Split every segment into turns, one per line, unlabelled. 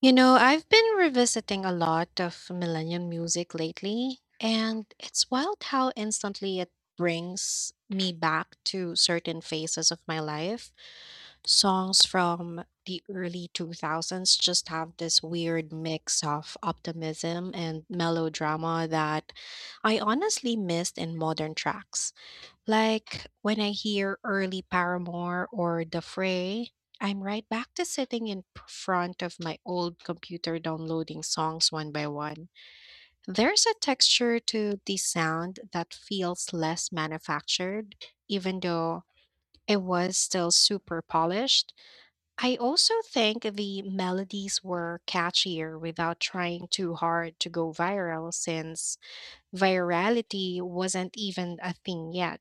You know, I've been revisiting a lot of millennium music lately, and it's wild how instantly it brings me back to certain phases of my life. Songs from the early 2000s just have this weird mix of optimism and melodrama that I honestly missed in modern tracks. Like when I hear early Paramore or The Fray, I'm right back to sitting in front of my old computer downloading songs one by one. There's a texture to the sound that feels less manufactured, even though it was still super polished. I also think the melodies were catchier without trying too hard to go viral, since virality wasn't even a thing yet.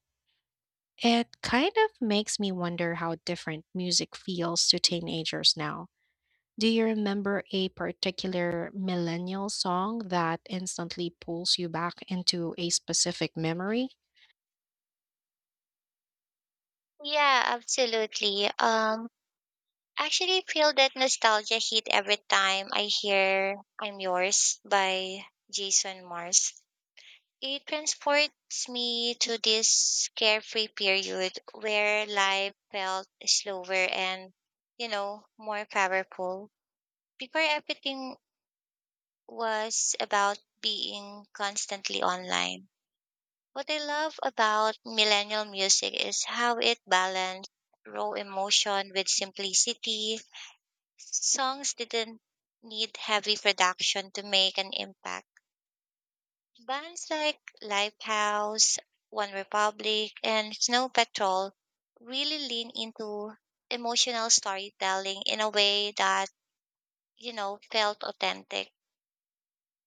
It kind of makes me wonder how different music feels to teenagers now. Do you remember a particular millennial song that instantly pulls you back into a specific memory?
Yeah, absolutely. Actually feel that nostalgia hit every time I hear I'm Yours by Jason Mars. It transports me to this carefree period where life felt slower and, more powerful. Before everything was about being constantly online. What I love about millennial music is how it balanced raw emotion with simplicity. Songs didn't need heavy production to make an impact. Bands like Lifehouse, One Republic, and Snow Patrol really lean into emotional storytelling in a way that, felt authentic.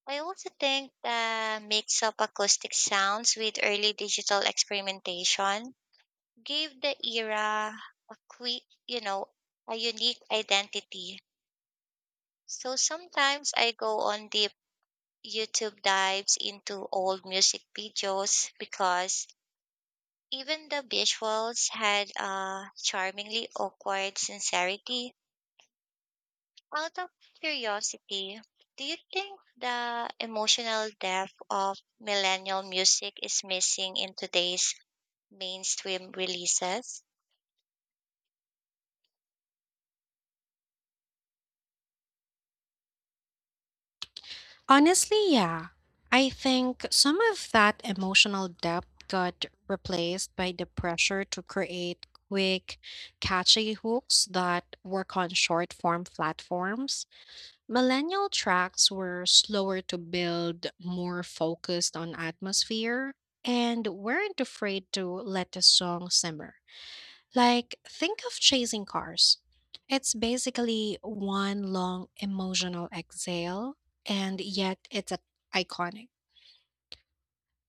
I also think the mix of acoustic sounds with early digital experimentation gave the era a quick, a unique identity. So sometimes I go on deep YouTube dives into old music videos because even the visuals had a charmingly awkward sincerity. Out of curiosity, do you think the emotional depth of millennial music is missing in today's mainstream releases?
Honestly, yeah. I think some of that emotional depth got replaced by the pressure to create quick, catchy hooks that work on short form platforms. Millennial tracks were slower to build, more focused on atmosphere, and weren't afraid to let the song simmer. Like, think of Chasing Cars. It's basically one long emotional exhale, and yet iconic.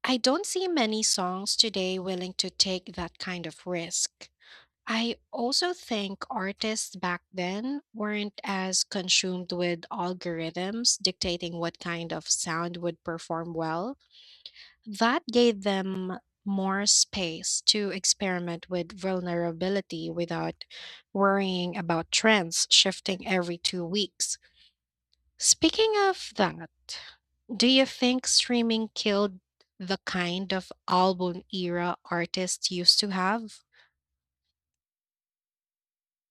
I don't see many songs today willing to take that kind of risk. I also think artists back then weren't as consumed with algorithms dictating what kind of sound would perform well. That gave them more space to experiment with vulnerability without worrying about trends shifting every 2 weeks. Speaking of that, do you think streaming killed the kind of album era artists used to have?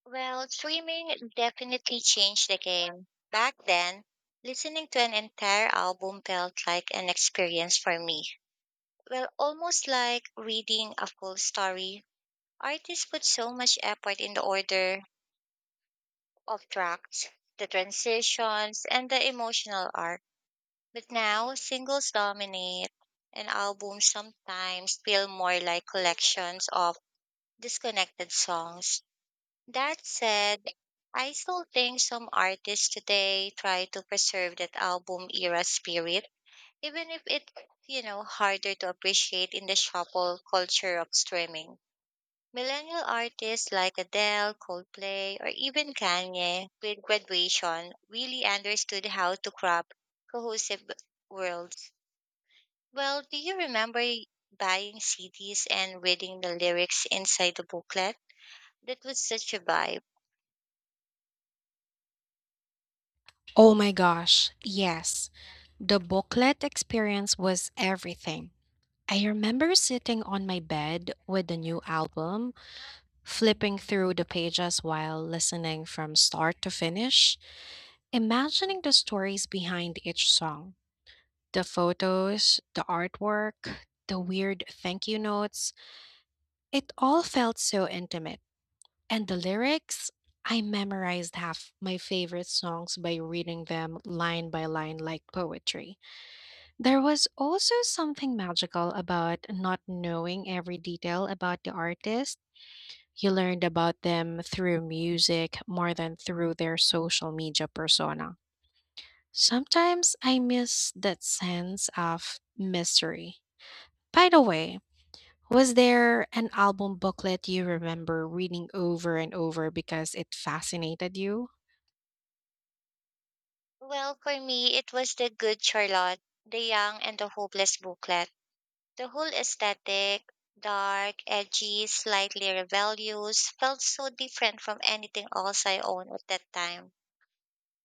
Well, streaming definitely changed the game. Back then, listening to an entire album felt like an experience for me. Well, almost like reading a full story. Artists put so much effort in the order of tracks, the transitions, and the emotional arc. But now, singles dominate, and albums sometimes feel more like collections of disconnected songs. That said, I still think some artists today try to preserve that album era spirit, even if it's harder to appreciate in the shuffle culture of streaming. Millennial artists like Adele, Coldplay, or even Kanye with graduation really understood how to craft cohesive worlds. Well, do you remember buying CDs and reading the lyrics inside the booklet? That was such a vibe.
Oh my gosh, yes. The booklet experience was everything. I remember sitting on my bed with the new album, flipping through the pages while listening from start to finish, imagining the stories behind each song, the photos, the artwork, the weird thank you notes. It all felt so intimate. And the lyrics, I memorized half my favorite songs by reading them line by line like poetry. There was also something magical about not knowing every detail about the artist. You learned about them through music more than through their social media persona. Sometimes I miss that sense of mystery. By the way, was there an album booklet you remember reading over and over because it fascinated you?
Well, for me, it was The Good Charlotte, The Young and the Hopeless booklet. The whole aesthetic, dark, edgy, slightly rebellious, felt so different from anything else I owned at that time.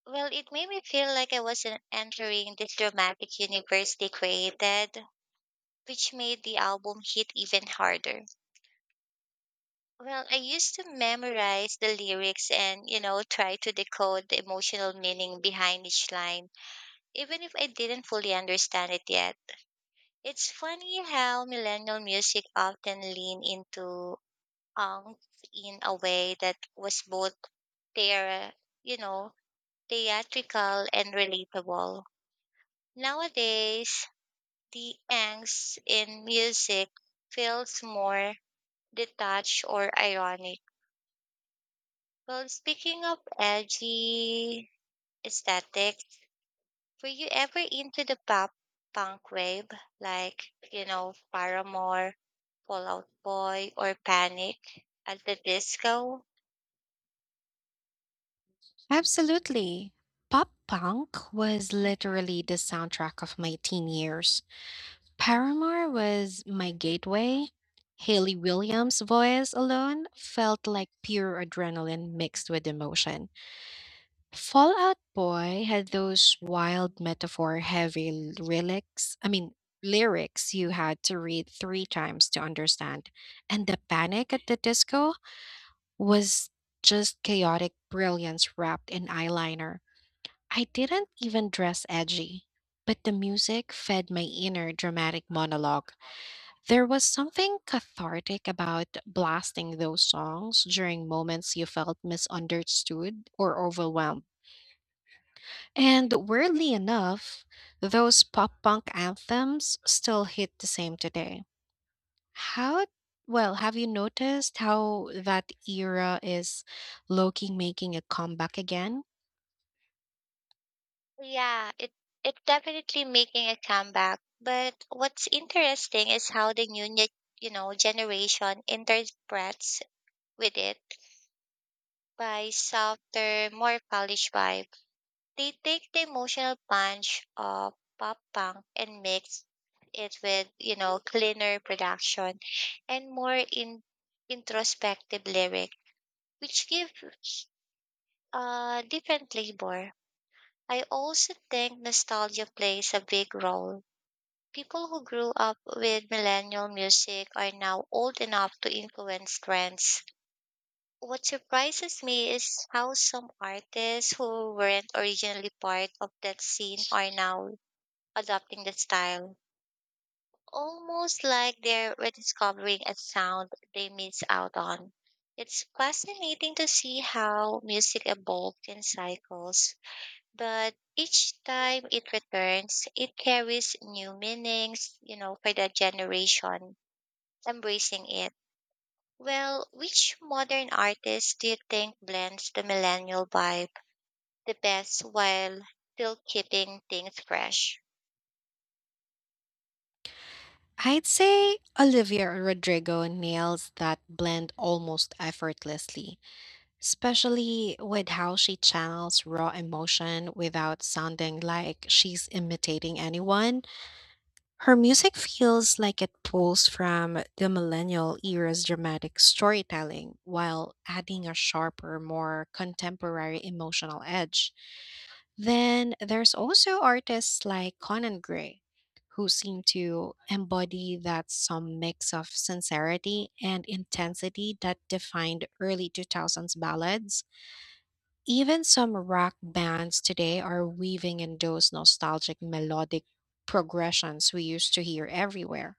Well, it made me feel like I was entering this dramatic universe they created, which made the album hit even harder. Well, I used to memorize the lyrics and, try to decode the emotional meaning behind each line, even if I didn't fully understand it yet. It's funny how millennial music often lean into angst in a way that was both their, you know, theatrical and relatable. Nowadays, the angst in music feels more detached or ironic. Well, speaking of edgy aesthetic. Were you ever into the pop punk wave, like, Paramore, Fall Out Boy, or Panic at the Disco?
Absolutely. Pop punk was literally the soundtrack of my teen years. Paramore was my gateway. Haley Williams' voice alone felt like pure adrenaline mixed with emotion. Fallout Boy had those wild metaphor heavy lyrics. I mean, lyrics you had to read three times to understand. And the panic at the disco was just chaotic brilliance wrapped in eyeliner. I didn't even dress edgy, but the music fed my inner dramatic monologue. There was something cathartic about blasting those songs during moments you felt misunderstood or overwhelmed. And weirdly enough, those pop punk anthems still hit the same today. How, well, have you noticed how that era is low key making a comeback again?
Yeah, it's definitely making a comeback. But what's interesting is how the generation interprets with it by softer, more polished vibe. They take the emotional punch of pop punk and mix it with, cleaner production and more in introspective lyric, which gives a different flavor. I also think nostalgia plays a big role. People who grew up with millennial music are now old enough to influence trends. What surprises me is how some artists who weren't originally part of that scene are now adopting the style, almost like they're rediscovering a sound they missed out on. It's fascinating to see how music evolves in cycles, but each time it returns, it carries new meanings, for the generation embracing it. Well, which modern artist do you think blends the millennial vibe the best while still keeping things fresh?
I'd say Olivia Rodrigo nails that blend almost effortlessly, especially with how she channels raw emotion without sounding like she's imitating anyone. Her music feels like it pulls from the millennial era's dramatic storytelling while adding a sharper, more contemporary emotional edge. Then there's also artists like Conan Gray, who seem to embody that some mix of sincerity and intensity that defined early 2000s ballads. Even some rock bands today are weaving in those nostalgic melodic progressions we used to hear everywhere.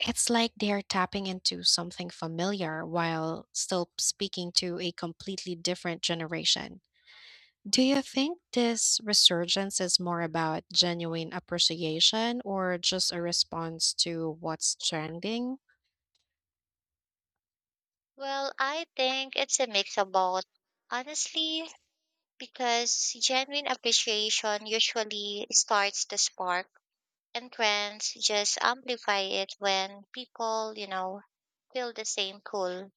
It's like they're tapping into something familiar while still speaking to a completely different generation. Do you think this resurgence is more about genuine appreciation or just a response to what's trending?
Well, I think it's a mix of both. Honestly, because genuine appreciation usually starts the spark, and trends just amplify it when people, feel the same pull.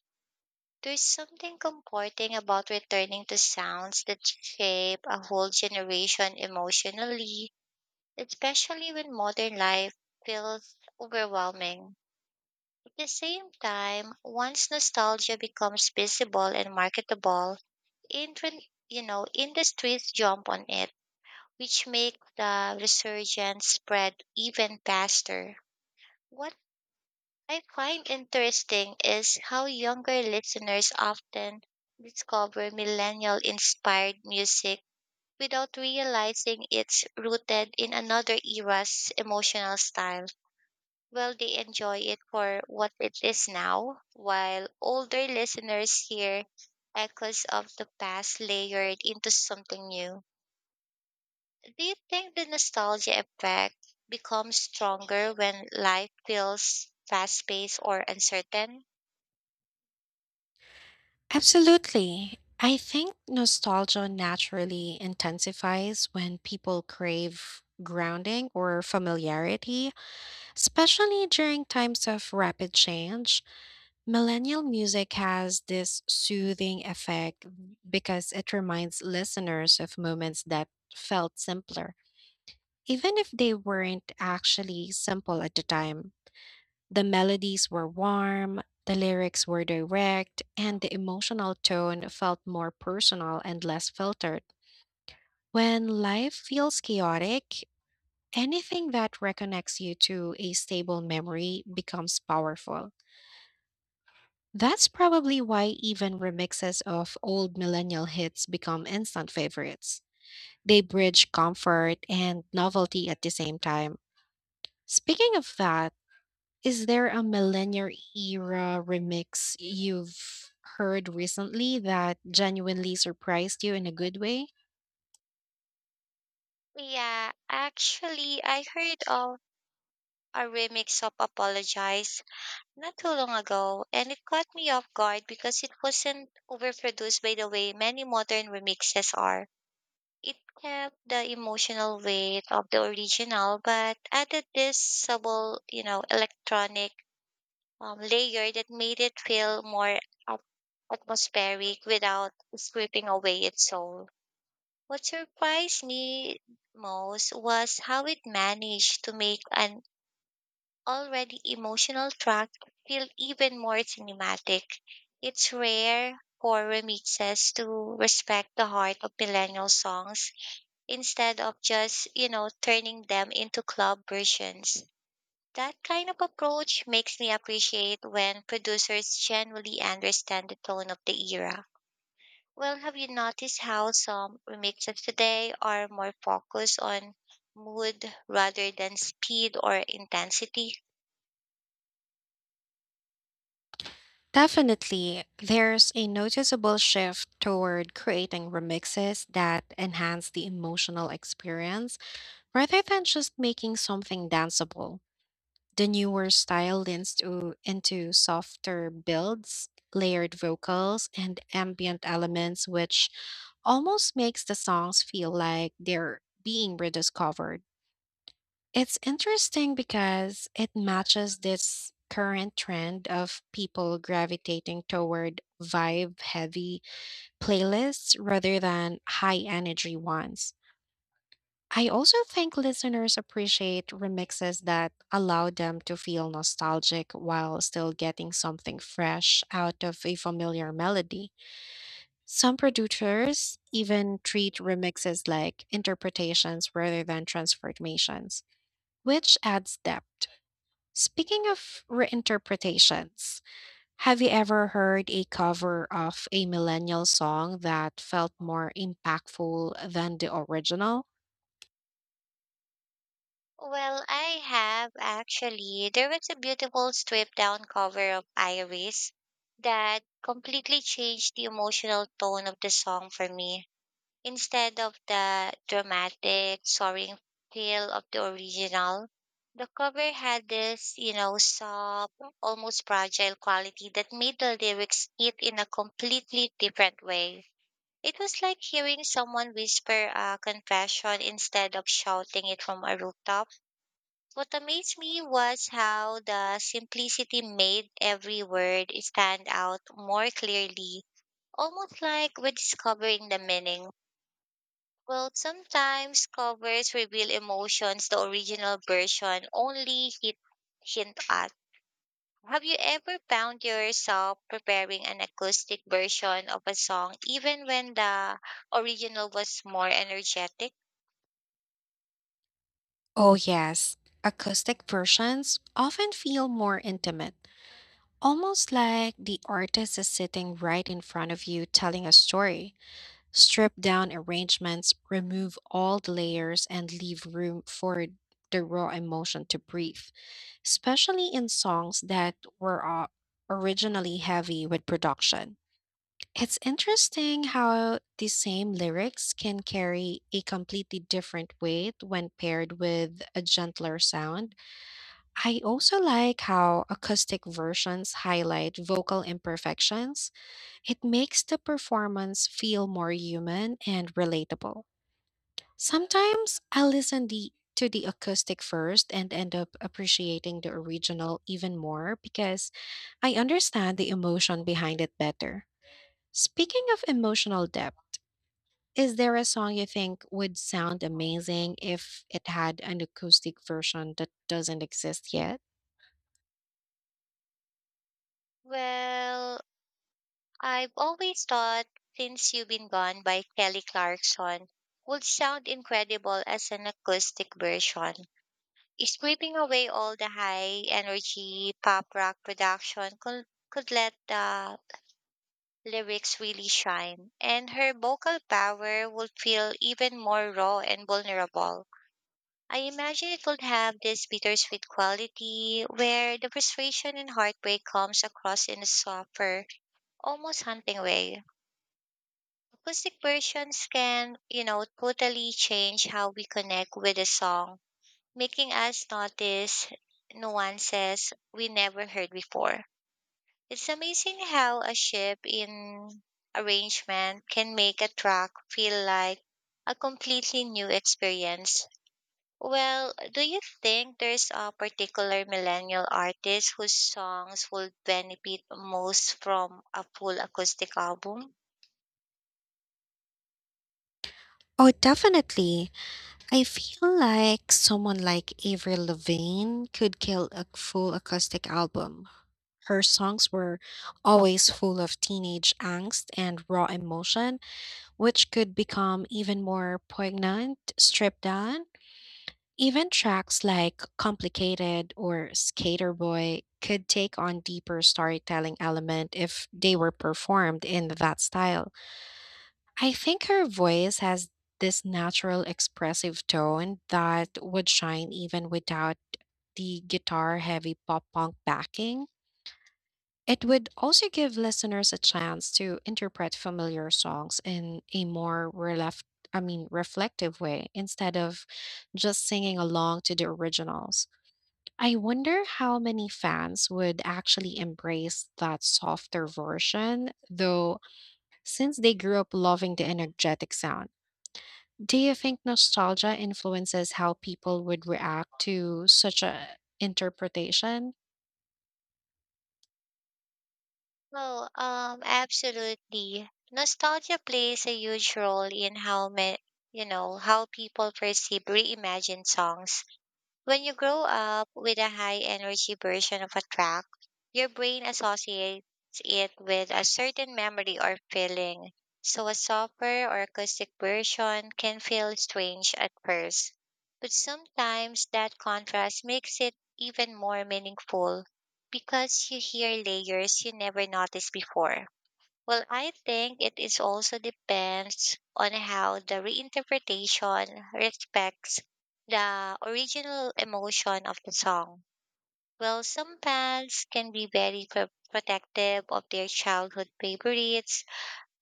There's something comforting about returning to sounds that shape a whole generation emotionally, especially when modern life feels overwhelming. At the same time, once nostalgia becomes visible and marketable, industries jump on it, which make the resurgence spread even faster. What I find interesting is how younger listeners often discover millennial inspired music without realizing it's rooted in another era's emotional style. Well, they enjoy it for what it is now, while older listeners hear echoes of the past layered into something new. Do you think the nostalgia effect becomes stronger when life feels fast paced or uncertain?
Absolutely. I think nostalgia naturally intensifies when people crave grounding or familiarity, especially during times of rapid change. Millennial music has this soothing effect because it reminds listeners of moments that felt simpler. Even if they weren't actually simple at the time, the melodies were warm, the lyrics were direct, and the emotional tone felt more personal and less filtered. When life feels chaotic, anything that reconnects you to a stable memory becomes powerful. That's probably why even remixes of old millennial hits become instant favorites. They bridge comfort and novelty at the same time. Speaking of that, is there a millennial era remix you've heard recently that genuinely surprised you in a good way?
Yeah, actually, I heard of a remix of Apologize not too long ago, and it caught me off guard because it wasn't overproduced by the way many modern remixes are. It kept the emotional weight of the original, but added this subtle, electronic layer that made it feel more at- atmospheric without stripping away its soul. What surprised me most was how it managed to make an already emotional track feel even more cinematic. It's rare for remixes to respect the heart of millennial songs instead of just, turning them into club versions. That kind of approach makes me appreciate when producers genuinely understand the tone of the era. Well, have you noticed how some remixes today are more focused on mood rather than speed or intensity?
Definitely, there's a noticeable shift toward creating remixes that enhance the emotional experience rather than just making something danceable. The newer style leans into softer builds, layered vocals, and ambient elements, which almost makes the songs feel like they're being rediscovered. It's interesting because it matches this current trend of people gravitating toward vibe heavy playlists rather than high energy ones. I also think listeners appreciate remixes that allow them to feel nostalgic while still getting something fresh out of a familiar melody. Some producers even treat remixes like interpretations rather than transformations, which adds depth. Speaking of reinterpretations, have you ever heard a cover of a millennial song that felt more impactful than the original?
Well, I have actually. There was a beautiful stripped down cover of Iris that completely changed the emotional tone of the song for me. Instead of the dramatic, soaring feel of the original, the cover had this, soft, almost fragile quality that made the lyrics hit in a completely different way. It was like hearing someone whisper a confession instead of shouting it from a rooftop. What amazed me was how the simplicity made every word stand out more clearly, almost like rediscovering the meaning. Well, sometimes covers reveal emotions the original version only hint at. Have you ever found yourself preparing an acoustic version of a song even when the original was more energetic?
Oh, yes. Acoustic versions often feel more intimate, almost like the artist is sitting right in front of you telling a story. Strip down arrangements, remove all the layers, and leave room for the raw emotion to breathe, especially in songs that were originally heavy with production. It's interesting how the same lyrics can carry a completely different weight when paired with a gentler sound. I also like how acoustic versions highlight vocal imperfections. It makes the performance feel more human and relatable. Sometimes I listen the to the acoustic first and end up appreciating the original even more because I understand the emotion behind it better. Speaking of emotional depth, is there a song you think would sound amazing if it had an acoustic version that doesn't exist yet?
Well, I've always thought Since You've Been Gone by Kelly Clarkson would sound incredible as an acoustic version. Scraping away all the high energy pop rock production could let the lyrics really shine, and her vocal power would feel even more raw and vulnerable. I imagine it would have this bittersweet quality where the frustration and heartbreak comes across in a softer, almost haunting way. Acoustic versions can, totally change how we connect with a song making us notice nuances we never heard before. It's amazing how a ship in arrangement can make a track feel like a completely new experience. Well, do you think there's a particular millennial artist whose songs would benefit most from a full acoustic album?
Oh, definitely. I feel like someone like Avril Lavigne could kill a full acoustic album. Her songs were always full of teenage angst and raw emotion, which could become even more poignant, stripped down. Even tracks like Complicated or Skater Boy could take on deeper storytelling element if they were performed in that style. I think her voice has this natural expressive tone that would shine even without the guitar heavy pop punk backing. It would also give listeners a chance to interpret familiar songs in a more I mean, reflective way instead of just singing along to the originals. I wonder how many fans would actually embrace that softer version, though, since they grew up loving the energetic sound. Do you think nostalgia influences how people would react to such a interpretation?
Oh, absolutely. Nostalgia plays a huge role in how how people perceive reimagined songs. When you grow up with a high energy version of a track, your brain associates it with a certain memory or feeling. So a softer or acoustic version can feel strange at first. But sometimes that contrast makes it even more meaningful because you hear layers you never noticed before. Well, I think it is also depends on how the reinterpretation respects the original emotion of the song. Well, some fans can be very protective of their childhood favorites,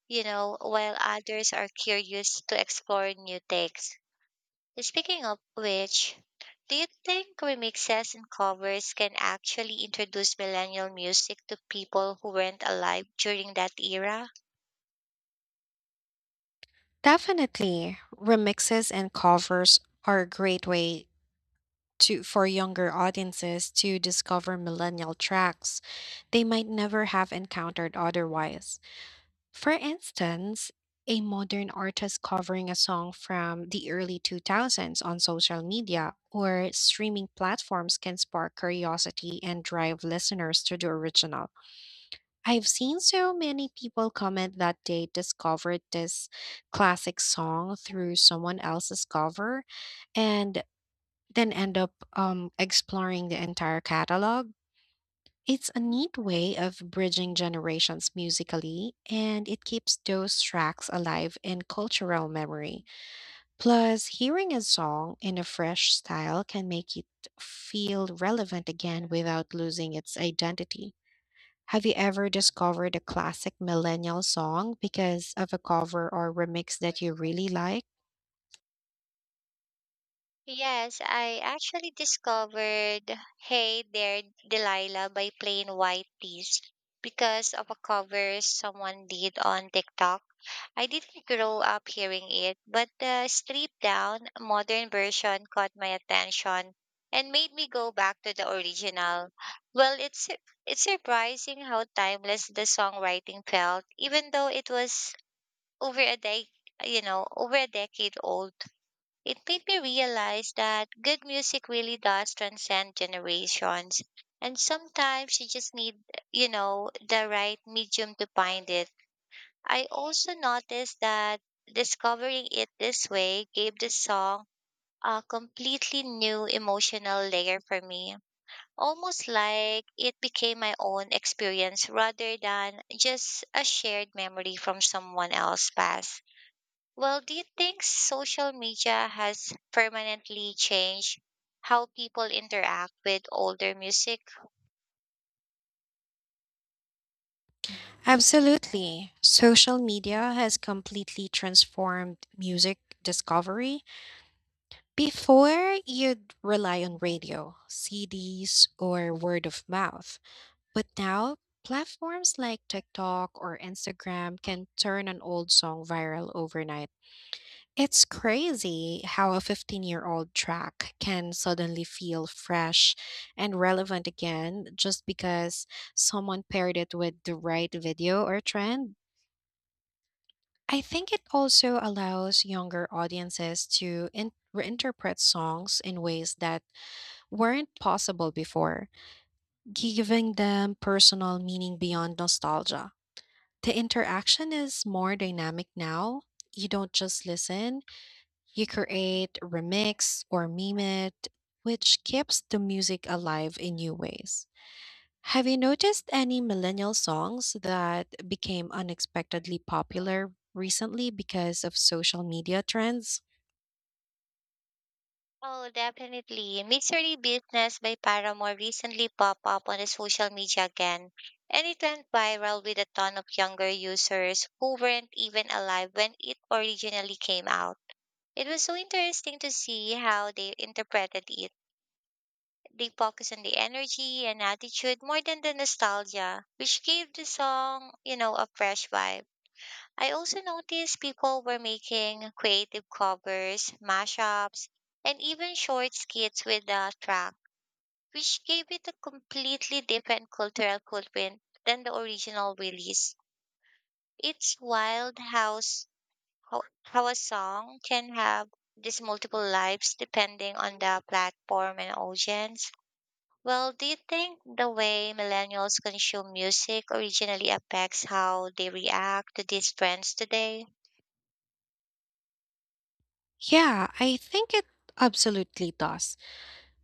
while others are curious to explore new takes. Speaking of which, do you think remixes and covers can actually introduce millennial music to people who weren't alive during that era?
Definitely. Remixes and covers are a great way to for younger audiences to discover millennial tracks they might never have encountered otherwise. For instance, a modern artist covering a song from the early 2000s on social media or streaming platforms can spark curiosity and drive listeners to the original. I've seen so many people comment that they discovered this classic song through someone else's cover and then end up exploring the entire catalog. It's a neat way of bridging generations musically, and it keeps those tracks alive in cultural memory. Plus, hearing a song in a fresh style can make it feel relevant again without losing its identity. Have you ever discovered a classic millennial song because of a cover or remix that you really like?
Yes, I actually discovered Hey There Delilah by Plain White Tees because of a cover someone did on TikTok. I didn't grow up hearing it, but the stripped down modern version caught my attention and made me go back to the original. Well, it's surprising how timeless the songwriting felt, even though it was over a day, over a decade old. It made me realize that good music really does transcend generations, and sometimes you just need, the right medium to find it. I also noticed that discovering it this way gave the song a completely new emotional layer for me. Almost like it became my own experience rather than just a shared memory from someone else's past. Well, do you think social media has permanently changed how people interact with older music?
Absolutely. Social media has completely transformed music discovery. Before, you'd rely on radio, CDs, or word of mouth. But now, platforms like TikTok or Instagram can turn an old song viral overnight. It's crazy how a 15-year-old track can suddenly feel fresh and relevant again just because someone paired it with the right video or trend. I think it also allows younger audiences to reinterpret songs in ways that weren't possible before, giving them personal meaning beyond nostalgia. The interaction is more dynamic now. You don't just listen, you create, remix, or meme it, which keeps the music alive in new ways. Have you noticed any millennial songs that became unexpectedly popular recently because of social media trends?
Oh, definitely. Mystery Business by Paramore recently popped up on the social media again, and it went viral with a ton of younger users who weren't even alive when it originally came out. It was so interesting to see how they interpreted it. They focused on the energy and attitude more than the nostalgia, which gave the song, a fresh vibe. I also noticed people were making creative covers, mashups, and even short skits with the track, which gave it a completely different cultural footprint than the original release. It's wild how a song can have these multiple lives depending on the platform and audience. Well, do you think the way millennials consume music originally affects how they react to these trends today?
Yeah, I think it absolutely does.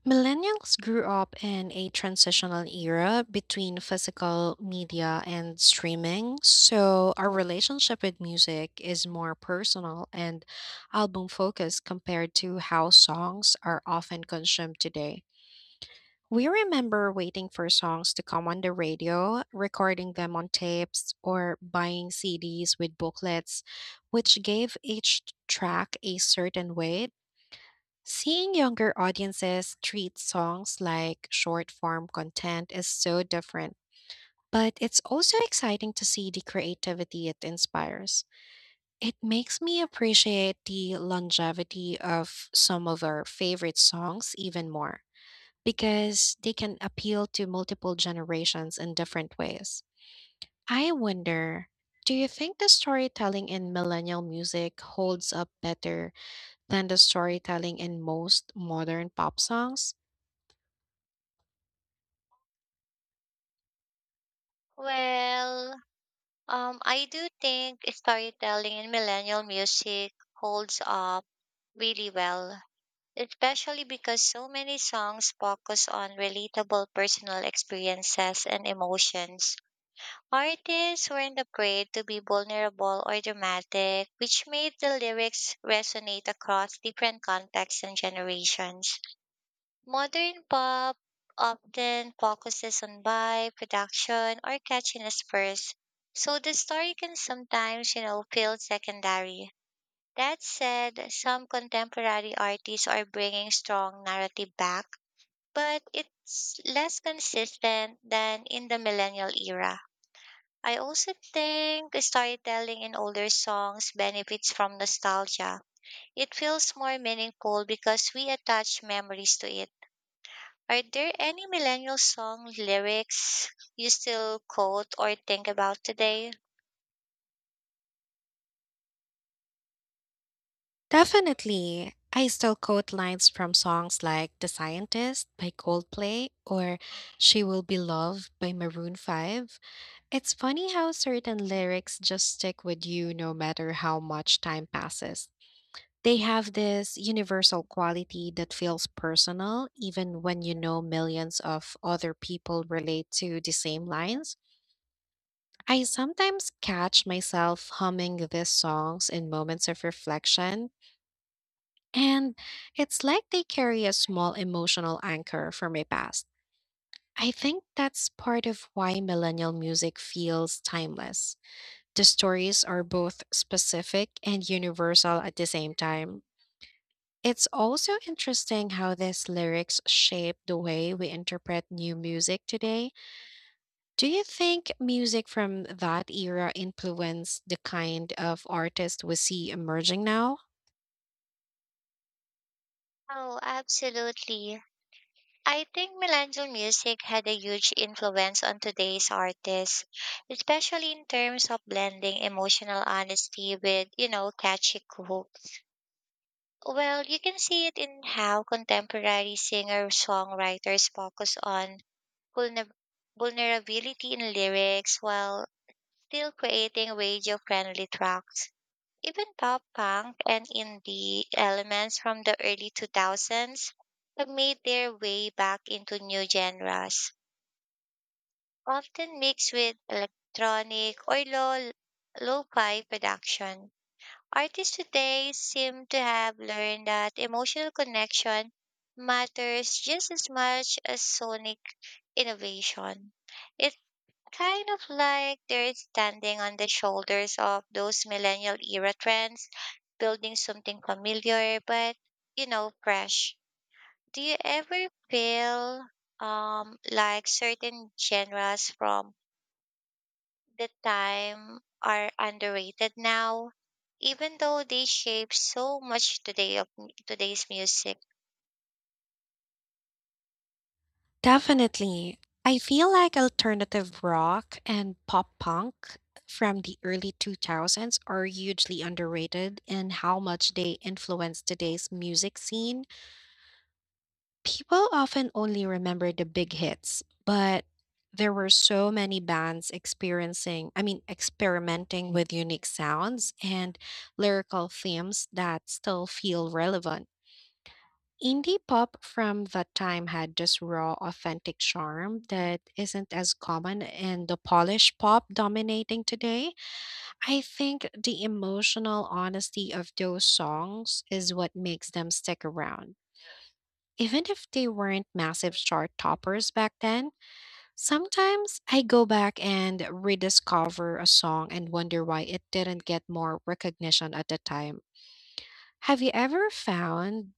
Millennials grew up in a transitional era between physical media and streaming, so our relationship with music is more personal and album focused compared to how songs are often consumed today. We remember waiting for songs to come on the radio, recording them on tapes, or buying CDs with booklets, which gave each track a certain weight. Seeing younger audiences treat songs like short form content is so different, but it's also exciting to see the creativity it inspires. It makes me appreciate the longevity of some of our favorite songs even more because they can appeal to multiple generations in different ways. I wonder, do you think the storytelling in millennial music holds up better than the storytelling in most modern pop songs?
Well, I do think storytelling in millennial music holds up really well, especially because so many songs focus on relatable personal experiences and emotions. Artists weren't afraid to be vulnerable or dramatic, which made the lyrics resonate across different contexts and generations. Modern pop often focuses on vibe, production, or catchiness first, so the story can sometimes, feel secondary. That said, some contemporary artists are bringing strong narrative back, but it's less consistent than in the millennial era. I also think storytelling in older songs benefits from nostalgia. It feels more meaningful because we attach memories to it. Are there any millennial song lyrics you still quote or think about today?
Definitely. I still quote lines from songs like The Scientist by Coldplay or She Will Be Loved by Maroon 5. It's funny how certain lyrics just stick with you no matter how much time passes. They have this universal quality that feels personal, even when you know millions of other people relate to the same lines. I sometimes catch myself humming these songs in moments of reflection, and it's like they carry a small emotional anchor from my past. I think that's part of why millennial music feels timeless. The stories are both specific and universal at the same time. It's also interesting how these lyrics shape the way we interpret new music today. Do you think music from that era influenced the kind of artist we see emerging now?
Oh, absolutely. I think millennial music had a huge influence on today's artists, especially in terms of blending emotional honesty with, catchy hooks. Well, you can see it in how contemporary singer-songwriters focus on vulner- vulnerability in lyrics while still creating radio-friendly tracks. Even pop punk and indie elements from the early 2000s have made their way back into new genres, often mixed with lo-fi production. Artists today seem to have learned that emotional connection matters just as much as sonic innovation. Kind of like they're standing on the shoulders of those millennial era trends, building something familiar but, fresh. Do you ever feel like certain genres from the time are underrated now, even though they shape so much today's music?
Definitely. I feel like alternative rock and pop punk from the early 2000s are hugely underrated in how much they influence today's music scene. People often only remember the big hits, but there were so many bands I mean, experimenting with unique sounds and lyrical themes that still feel relevant. Indie pop from that time had this raw, authentic charm that isn't as common in the polished pop dominating today. I think the emotional honesty of those songs is what makes them stick around. Even if they weren't massive chart toppers back then, sometimes I go back and rediscover a song and wonder why it didn't get more recognition at the time. Have you ever found